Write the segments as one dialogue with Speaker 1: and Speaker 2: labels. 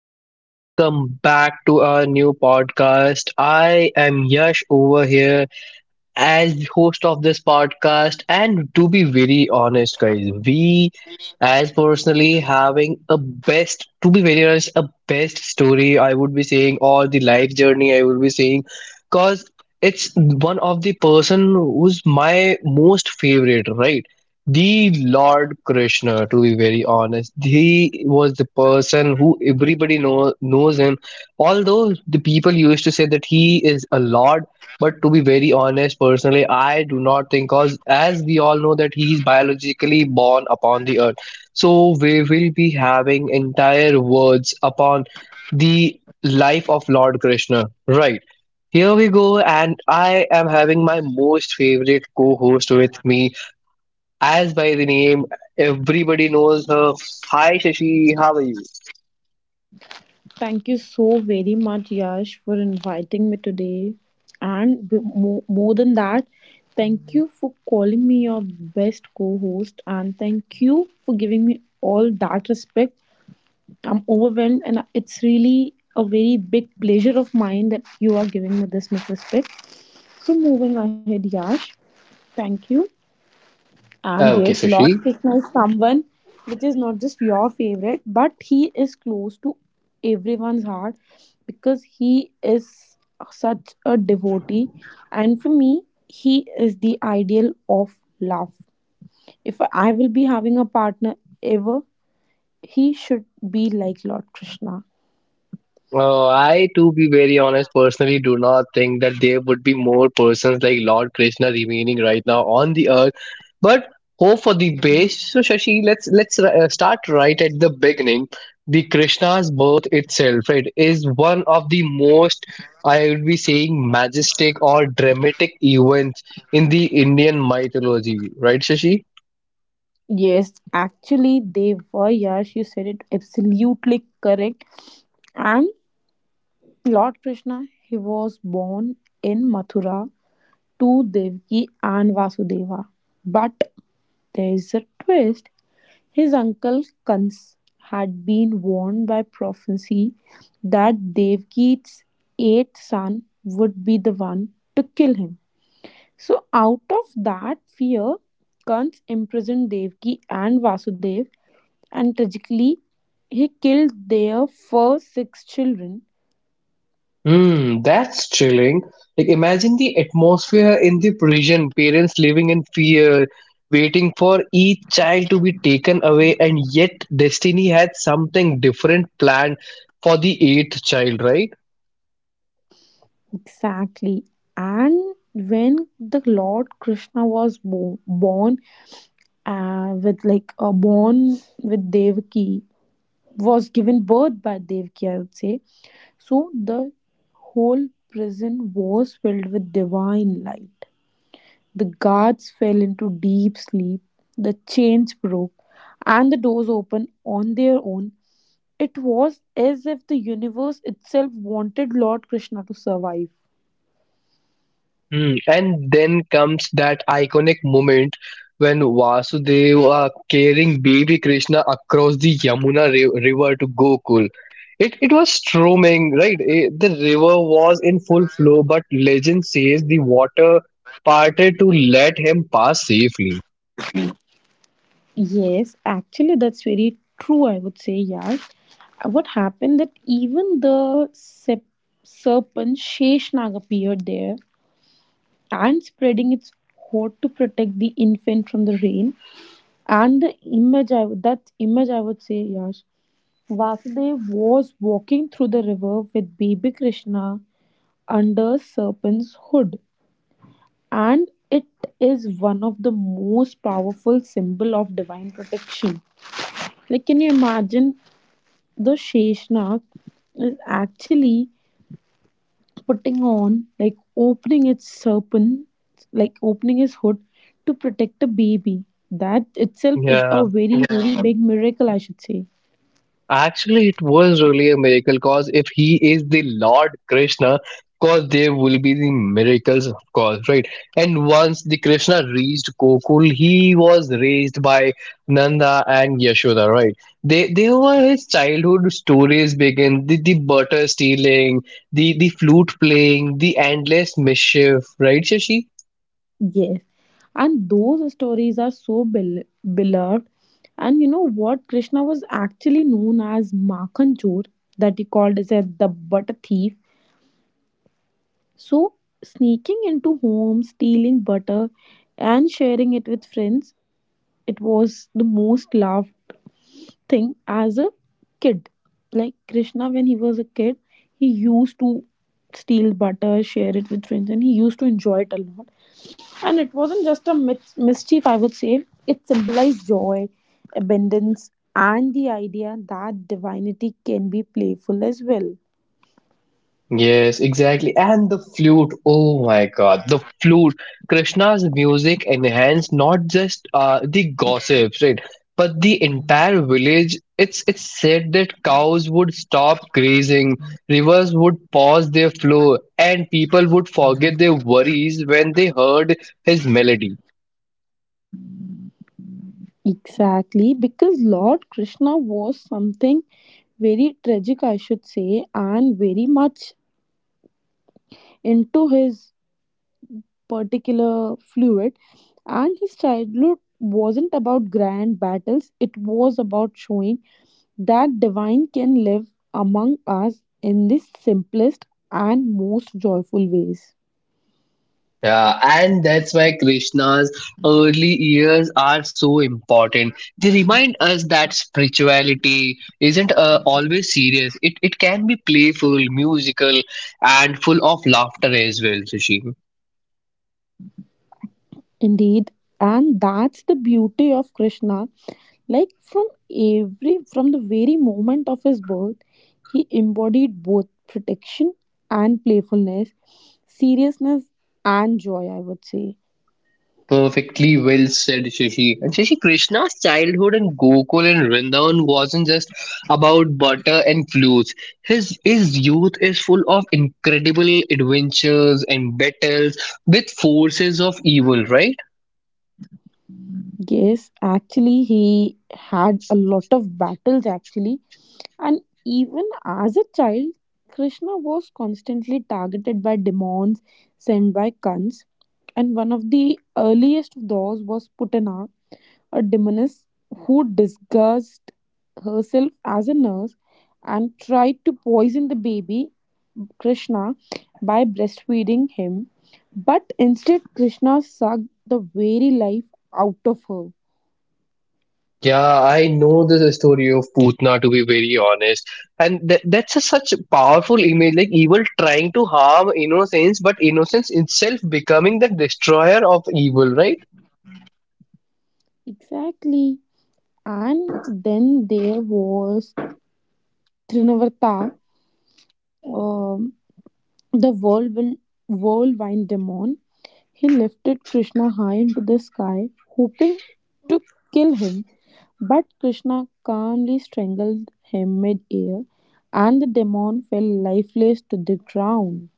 Speaker 1: guys, welcome back to our new podcast. I am Yash over here as the host of this podcast, and to be very honest guys, we as personally having a best, to be very honest, a best story I would be saying, or the life journey I would be saying, cause it's one of the person who's my most favorite, right? The Lord Krishna, to be very honest, he was the person who everybody knows him. Although the people used to say that he is a lord, but to be very honest, personally, I do not think, cause as we all know that he is biologically born upon the earth, so we will be having entire words upon the life of Lord Krishna. Right. Here we go, and I am having my most favorite co-host with me. As by the name, everybody knows her. Hi, Shashi. How are you?
Speaker 2: Thank you so very much, Yash, for inviting me today. And more than that, thank you for calling me your best co host. And thank you for giving me all that respect. I'm overwhelmed, and it's really a very big pleasure of mine that you are giving me this much respect. So, moving ahead, Yash, thank you. And yes, Lord Krishna is someone which is not just your favorite, but he is close to everyone's heart because he is such a devotee. And for me, he is the ideal of love. If I will be having a partner ever, he should be like Lord Krishna.
Speaker 1: Oh, I, to be very honest, personally do not think that there would be more persons like Lord Krishna remaining right now on the earth. But hope for the best. So, Shashi, let's start right at the beginning. The Krishna's birth itself, right, is one of the most, I would be saying, majestic or dramatic events in the Indian mythology, right, Shashi?
Speaker 2: Yes, actually, they were. Yes, you said it absolutely correct. And Lord Krishna, he was born in Mathura to Devaki and Vasudeva. But there's a twist. His uncle Kans had been warned by prophecy that Devaki's eighth son would be the one to kill him. So, out of that fear, Kans imprisoned Devaki and Vasudev, and tragically, he killed their first six children.
Speaker 1: Hmm, that's chilling. Like, imagine the atmosphere in the prison, parents living in fear, waiting for each child to be taken away, and yet destiny had something different planned for the eighth child, right?
Speaker 2: Exactly. And when the Lord Krishna was born, with like a born with Devaki was given birth by Devaki, I would say. So the whole prison was filled with divine light. The guards fell into deep sleep. The chains broke, and the doors opened on their own. It was as if the universe itself wanted Lord Krishna to survive.
Speaker 1: Hmm. And then comes that iconic moment when Vasudeva carrying baby Krishna across the river to Gokul. It was storming, right? The river was in full flow, but legend says the water parted to let him pass safely.
Speaker 2: Yes, actually, that's very true. I would say, yeah. what happened that even the serpent Sheshnag appeared there and spreading its hoard to protect the infant from the rain. And the image, that image I would say, Yash, Vasudev was walking through the river with baby Krishna under serpent's hood. And it is one of the most powerful symbol of divine protection. Like, can you imagine the Sheshnag is actually putting on, like opening its serpent, like opening his hood to protect a baby. That itself is
Speaker 1: Yeah.
Speaker 2: a very, very big miracle, I should say.
Speaker 1: Actually, it was really a miracle because if he is the Lord Krishna, cause there will be the miracles, of course, right? And once the Krishna reached Gokul, he was raised by Nanda and Yashoda, right? They were his childhood stories begin the butter stealing, the flute playing, the endless mischief, right, Shashi?
Speaker 2: Yes. And those stories are so beloved. And you know what? Krishna was actually known as Makanchor, that he called as the butter thief. So, sneaking into homes, stealing butter, and sharing it with friends, it was the most loved thing as a kid. Like Krishna, when he was a kid, he used to steal butter, share it with friends, and he used to enjoy it a lot. And it wasn't just a mischief, I would say, it symbolized joy, abundance, and the idea that divinity can be playful as well.
Speaker 1: Yes, exactly. And the flute. Oh my God, the flute. Krishna's music enhanced not just the gossips, right, but the entire village. It's said that cows would stop grazing, rivers would pause their flow, and people would forget their worries when they heard his melody.
Speaker 2: Exactly, because Lord Krishna was something very tragic, I should say, and very much into his particular fluid, and his childhood wasn't about grand battles. It was about showing that divine can live among us in the simplest and most joyful ways.
Speaker 1: Yeah, and that's why Krishna's early years are so important. They remind us that spirituality isn't always serious. It can be playful, musical, and full of laughter as well, Shashi.
Speaker 2: Indeed. And that's the beauty of Krishna, like from the very moment of his birth, he embodied both protection and playfulness, seriousness and joy, I would say.
Speaker 1: Perfectly well said, Shashi. And Shashi, Krishna's childhood in Gokul and Vrindavan wasn't just about butter and flutes. His youth is full of incredible adventures and battles with forces of evil, right?
Speaker 2: Yes, actually, he had a lot of battles, actually. And even as a child, Krishna was constantly targeted by demons sent by Kans. And one of the earliest of those was Putana, a demoness who disguised herself as a nurse and tried to poison the baby, Krishna, by breastfeeding him. But instead, Krishna sucked the very life out of her.
Speaker 1: Yeah, I know the story of Putna, to be very honest, and that's a such a powerful image, like evil trying to harm innocence, but innocence itself becoming the destroyer of evil, right?
Speaker 2: Exactly. And then there was Trinavarta, um, the whirlwind demon. He lifted Krishna high into the sky, hoping to kill him, but Krishna calmly strangled him mid-air, and the demon fell lifeless to the ground.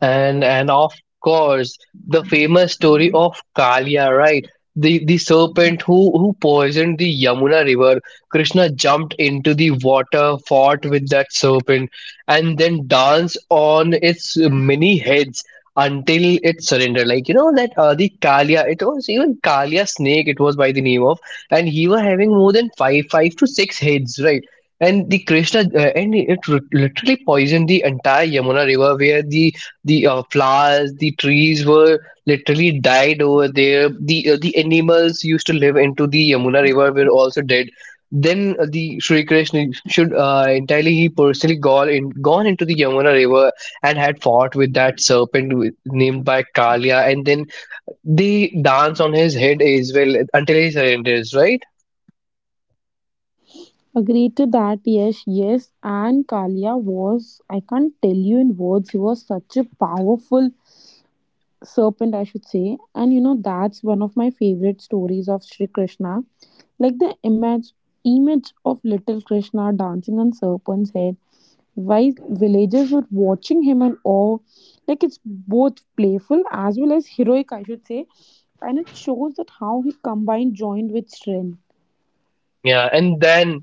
Speaker 1: And of course, the famous story of Kalia, right? The serpent who poisoned the Yamuna river. Krishna jumped into the water, fought with that serpent, and then danced on its many heads until it surrendered. Like you know that the Kalia, it was even Kalia snake. It was by the name of, and he was having more than five to six heads, right? And the krishna and it literally poisoned the entire Yamuna river, where the flowers, the trees were literally died over there, the animals used to live into the Yamuna river were also dead. Then the Sri Krishna should entirely he personally gone into the Yamuna river and had fought with that serpent named by Kalia, and then they dance on his head as well until he surrenders, right?
Speaker 2: Agreed to that, yes, yes. And Kalia was, I can't tell you in words, he was such a powerful serpent, I should say. And you know, that's one of my favorite stories of Sri Krishna. Like the image of little Krishna dancing on serpent's head while villagers were watching him in awe. Like it's both playful as well as heroic, I should say. And it shows that how he combined joined with strength.
Speaker 1: Yeah, and then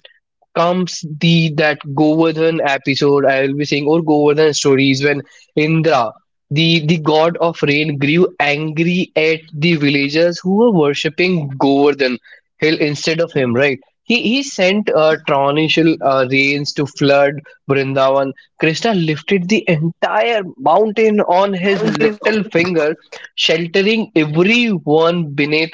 Speaker 1: comes the that Govardhan episode, I will be saying, or Govardhan stories, when Indra, the god of rain, grew angry at the villagers who were worshipping Govardhan hill instead of him, right? He sent torrential rains to flood Vrindavan. Krishna lifted the entire mountain on his little finger, sheltering everyone beneath,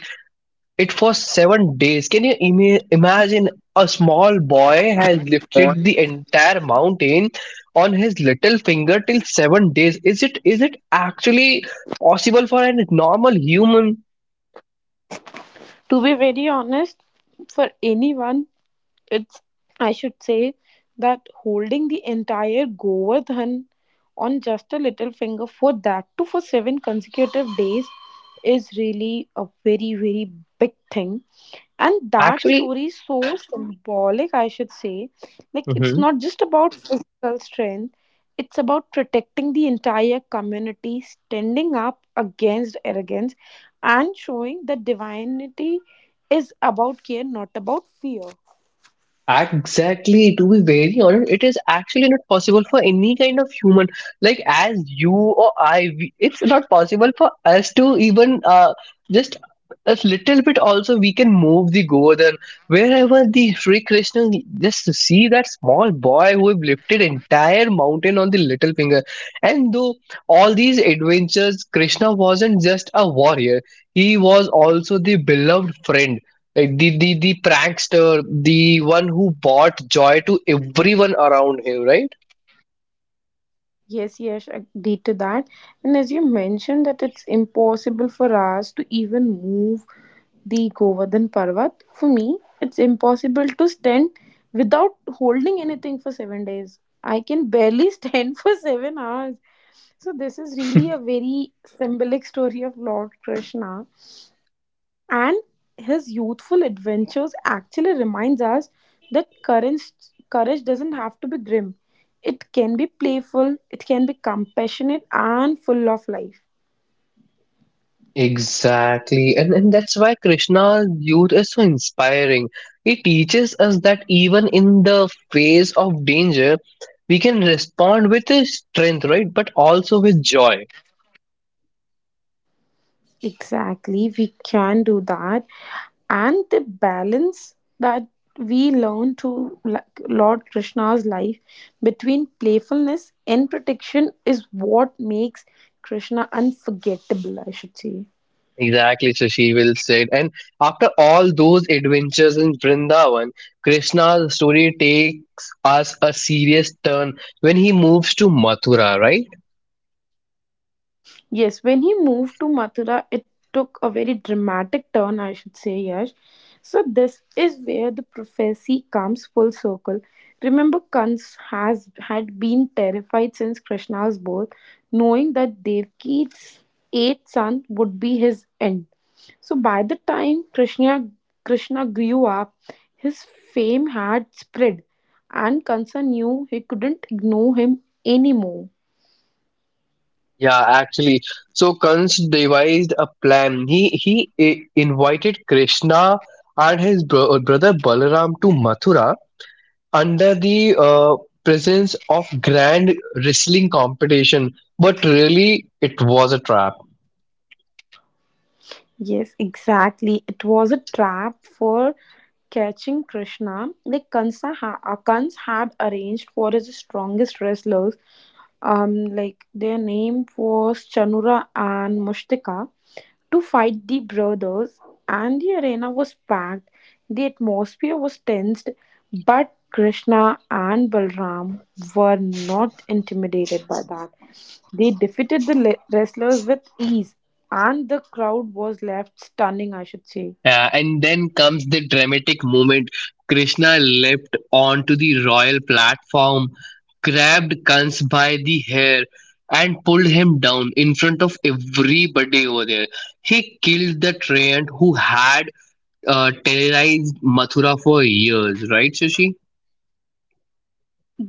Speaker 1: it was seven days. Can you imagine? A small boy has
Speaker 2: To
Speaker 1: lifted the entire mountain on his little finger till seven days. Is it actually possible for a normal human?
Speaker 2: be very honest, for anyone it's, I should say, that holding the entire Govardhan on just a little finger, for that too for 7 consecutive days, is really a very, very big thing. And that
Speaker 1: Actually,
Speaker 2: story is so symbolic, I should say. Like, it's not just about physical strength, it's about protecting the entire community, standing up against arrogance, and showing that divinity is about care, not about fear.
Speaker 1: exactly, to be very honest, it is actually not possible for any kind of human. Like, as you or I, we, it's not possible for us to even just a little bit also we can move the Govardhan. Wherever the Sri Krishna, just to see that small boy who have lifted entire mountain on the little finger. And though all these adventures, Krishna wasn't just a warrior, he was also the beloved friend, like the prankster, the one who brought joy to everyone around him, right?
Speaker 2: Yes, yes, agree to that. And as you mentioned that it's impossible for us to even move the Govardhan Parvat, for me, it's impossible to stand without holding anything for 7 days. I can barely stand for 7 hours. So this is really a very symbolic story of Lord Krishna. And his youthful adventures actually reminds us that courage doesn't have to be grim. It can be playful, it can be compassionate and full of life.
Speaker 1: Exactly. And that's why Krishna's youth is so inspiring. He teaches us that even in the face of danger, we can respond with strength, right? But also with joy.
Speaker 2: Exactly, we can do that. And the balance that we learn to, like Lord Krishna's life, between playfulness and protection is what makes Krishna unforgettable, I should say.
Speaker 1: Exactly, Shashi will said. And after all those adventures in Vrindavan, Krishna's story takes us a serious turn when he moves to Mathura, right?
Speaker 2: Yes, when he moved to Mathura, it took a very dramatic turn, I should say, Yash. So, this is where the prophecy comes full circle. Remember, Kans has had been terrified since Krishna's birth, knowing that Devki's eighth son would be his end. So, by the time Krishna grew up, his fame had spread, and Kansa knew he couldn't ignore him anymore.
Speaker 1: Yeah, actually. So Kans devised a plan. He invited Krishna and his brother Balaram to Mathura under the uh, presence of grand wrestling competition. But really, it was a trap.
Speaker 2: Yes, exactly. It was a trap for catching Krishna, the Kans had arranged for his strongest wrestlers, like their name was Chanura and Mushtika, to fight the brothers, and the arena was packed. The atmosphere was tensed, but Krishna and Balram were not intimidated by that. They defeated the wrestlers with ease, and the crowd was left stunning, I should say.
Speaker 1: And then comes the dramatic moment. Krishna leapt onto the royal platform, grabbed Kans by the hair, and pulled him down in front of everybody over there. He killed the tyrant who had terrorized Mathura for years, right, Shashi?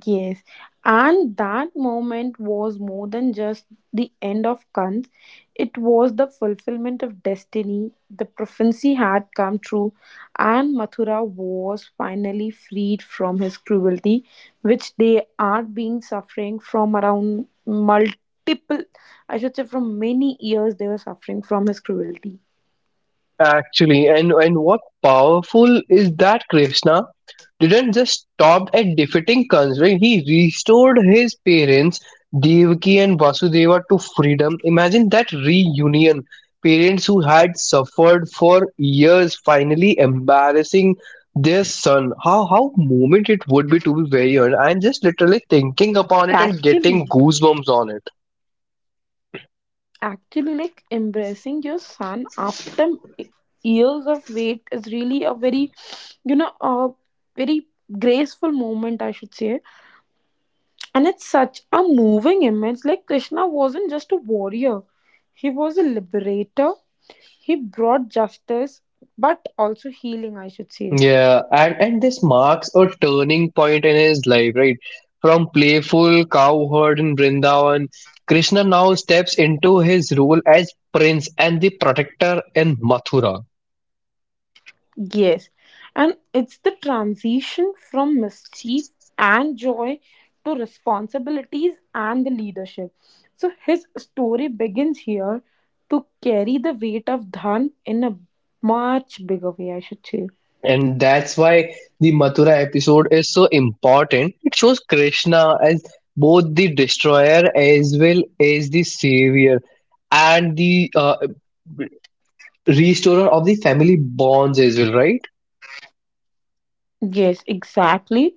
Speaker 2: Yes, and that moment was more than just the end of Kant. It was the fulfillment of destiny. The prophecy had come true, and Mathura was finally freed from his cruelty, which they are being suffering from around multiple, I should say, from many years they were suffering from his cruelty.
Speaker 1: Actually, and what powerful is that Krishna didn't just stop at defeating Kansa, he restored his parents Devaki and Vasudeva to freedom. Imagine that reunion. Parents who had suffered for years finally embarrassing their son. How moment it would be, to be very honest. I'm just literally thinking upon it and
Speaker 2: Actually,
Speaker 1: getting goosebumps on it.
Speaker 2: actually, like embracing your son after years of wait is really a very you know a very graceful moment, I should say. And it's such a moving image, like Krishna wasn't just a warrior, he was a liberator. He brought justice but also healing, I should say.
Speaker 1: Yeah, and this marks a turning point in his life, right? From playful cowherd in Vrindavan, Krishna now steps into his role as prince and the protector in Mathura.
Speaker 2: Yes, and it's the transition from mischief and joy to responsibilities and the leadership. So his story begins here to carry the weight of Dhan in a much bigger way, I should say.
Speaker 1: And that's why the Mathura episode is so important. It shows Krishna as both the destroyer as well as the savior and the restorer of the family bonds as well, right?
Speaker 2: Yes, exactly.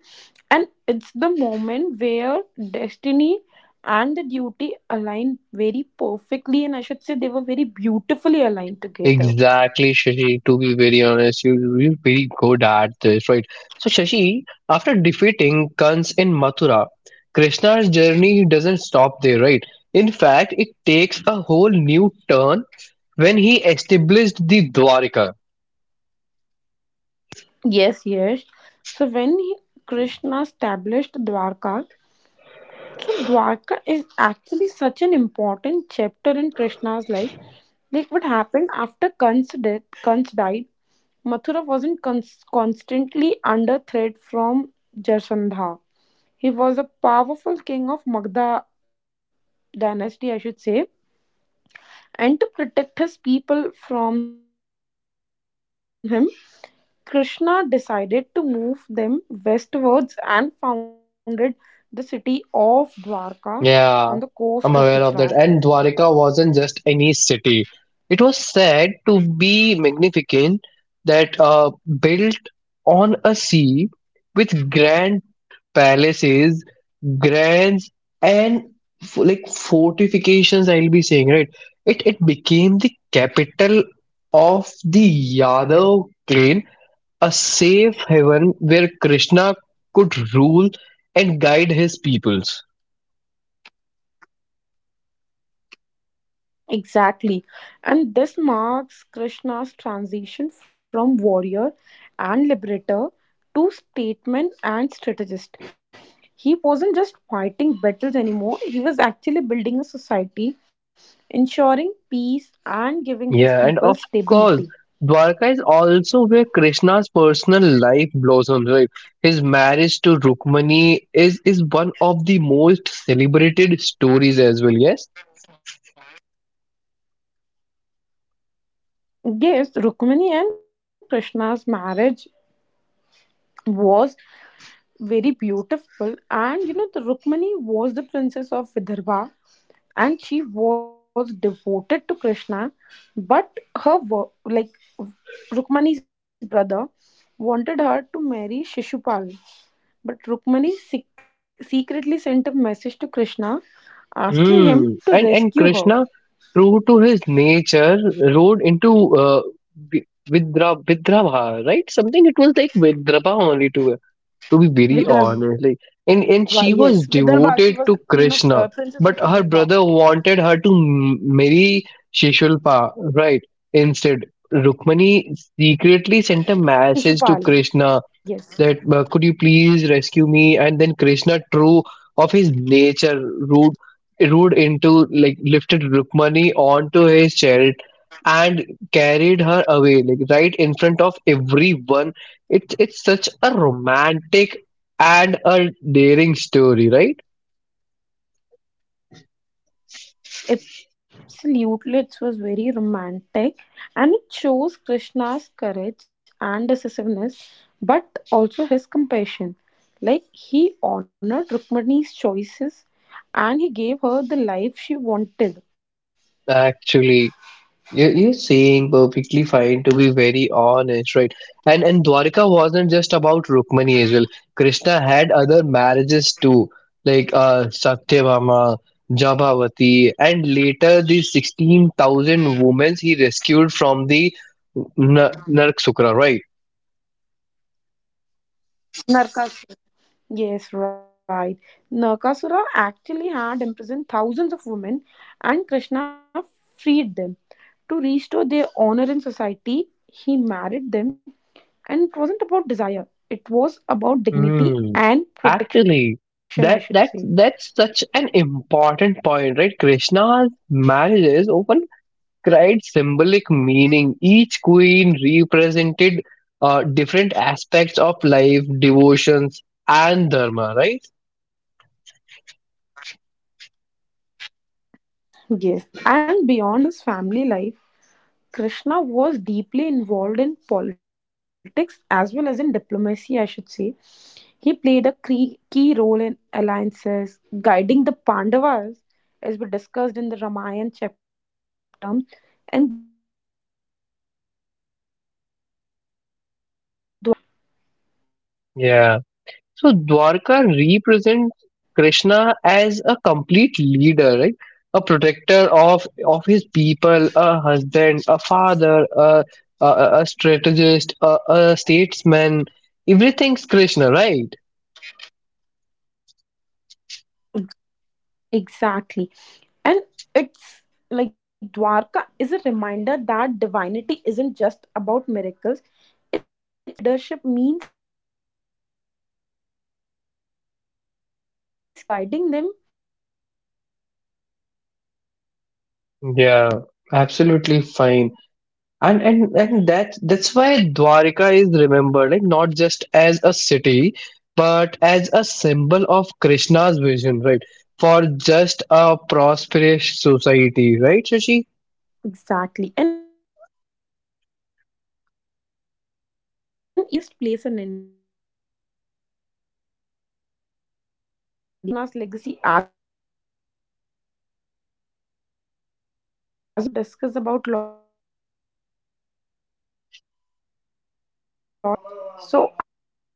Speaker 2: And it's the moment where destiny and the duty align very perfectly, and I should say they were very beautifully aligned together.
Speaker 1: Exactly, Shashi. To be very honest, you're very good at this, right? So, Shashi, after defeating Kans in Mathura, Krishna's journey doesn't stop there, right? In fact, it takes a whole new turn when he established the Dwarika.
Speaker 2: Yes, yes. So when Krishna established Dwarka, so Dwarka is actually such an important chapter in Krishna's life. Like what happened after Kansa death, Kans died, Mathura wasn't constantly under threat from Jarasandha. He was a powerful king of Magda dynasty, I should say, and to protect his people from him, Krishna decided to move them westwards and founded the city of Dwarka on the coast of Gujarat.
Speaker 1: Yeah, I'm aware of that. And Dwarika wasn't just any city, it was said to be magnificent, that built on a sea with grand palaces, grants, and like fortifications. I'll be saying right. It became the capital of the Yadav clan, a safe haven where Krishna could rule and guide his peoples.
Speaker 2: Exactly. And this marks Krishna's transition from warrior and liberator to statesman and strategist. He wasn't just fighting battles anymore, he was actually building a society, ensuring peace and giving his people stability.
Speaker 1: Yeah, and of course, Dwarka is also where Krishna's personal life blossoms. Right, his marriage to Rukmani is one of the most celebrated stories as well. Yes.
Speaker 2: Yes, Rukmini and Krishna's marriage was very beautiful. And the Rukmani was the princess of Vidarbha, and she was devoted to Krishna. But her like Rukmani's brother wanted her to marry Shishupal. But Rukmani secretly sent a message to Krishna asking him to rescue her.
Speaker 1: Hmm. And Krishna, true to his nature, rode into Vidrabha, right? Something it was like Vidrabha only,
Speaker 2: Vidarbha, yes,
Speaker 1: to be
Speaker 2: Vidarbha.
Speaker 1: very
Speaker 2: She was the
Speaker 1: honest.
Speaker 2: queen
Speaker 1: Like,
Speaker 2: of,
Speaker 1: and
Speaker 2: princess of
Speaker 1: she was
Speaker 2: Vidarbha.
Speaker 1: devoted to Krishna, but her brother wanted her to marry Shishulpa, right? Instead,
Speaker 2: Shishupal,
Speaker 1: Rukmani secretly
Speaker 2: yes.
Speaker 1: sent a message to Krishna that could you please rescue me, and then Krishna, true of his nature, rude rude into, like, lifted Rukmani onto his chariot and carried her away, like right in front of everyone. It's such a romantic and a daring story, right?
Speaker 2: Absolutely, it was very romantic and it shows Krishna's courage and decisiveness, but also his compassion. Like he honored Rukmini's choices and he gave her the life she wanted.
Speaker 1: Actually, you're saying perfectly fine, to be very honest, right? And Dwarika wasn't just about Rukmani as well. Krishna had other marriages too, like Satyabhama, Jabhavati, and later the 16,000 women he rescued from the Narakasura, right?
Speaker 2: Narkas. Yes, right. Nakasura actually had imprisoned thousands of women, and Krishna freed them. To restore their honor in society, he married them, and it wasn't about desire, it was about dignity and protection, I should say.
Speaker 1: Hmm. Actually, that's such an important point, right? Krishna's marriages often carried symbolic meaning. Each queen represented different aspects of life, devotions, and dharma, right?
Speaker 2: Yes, and beyond his family life, Krishna was deeply involved in politics as well as in diplomacy, I should say. He played a key role in alliances, guiding the Pandavas, as we discussed in the Ramayana chapter as well, maintaining balance among the kingdoms, and Dwarka became a hub of strategy and wisdoms.
Speaker 1: Yeah. So Dwarka represents Krishna as a complete leader, right? A protector of his people, a husband, a father, a strategist, a statesman. Everything's Krishna, right?
Speaker 2: Exactly. And it's like Dwarka is a reminder that divinity isn't just about miracles, it's about the responsibilities. Krishna showed that true leadership means caring for people, building society, and guiding them with wisdom.
Speaker 1: Yeah, absolutely fine. And and that's why Dwarka is remembered like not just as a city, but as a symbol of Krishna's vision, right? For just a prosperous society, right, Shashi?
Speaker 2: Yes. Exactly. And even today, Dwarka is considered as one of the holiest place in India and it's a living reminder of Krishna's legacy as a ruler and guide. So, if we continue to discuss about Lord Krishna's life, Yash, it will take a very long time.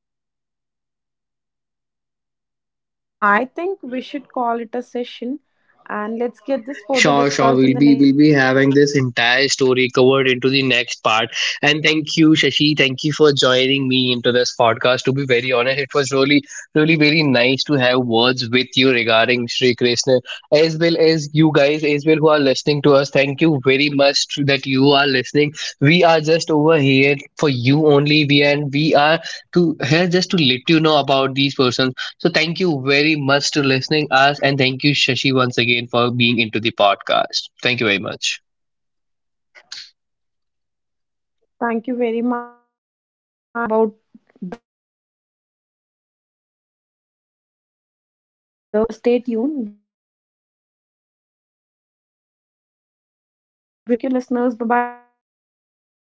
Speaker 2: So, I think we should call it a session and let's get this further discussed in the next episode. What do you say, Yash?
Speaker 1: Sure, sure. We'll be having this entire story covered into the next part. And thank you, Shashi. Thank you for joining me into this podcast. To be very honest, it was really, really very nice to have words with you regarding Sri Krishna, as well as you guys, as well who are listening to us. Thank you very much that you are listening. We are just over here for you only. We and we are to here just to let you know about these persons. So thank you very much to listening us, and thank you Shashi once again for being into the podcast. Thank you very much.
Speaker 2: Thank you very much for giving me the opportunity to discuss about the Lord Krishna and thank you to all our listeners. And please stay tuned. We will be back with another episode very soon. Thank you, Yash. Thank you, listeners. Bye bye, guys.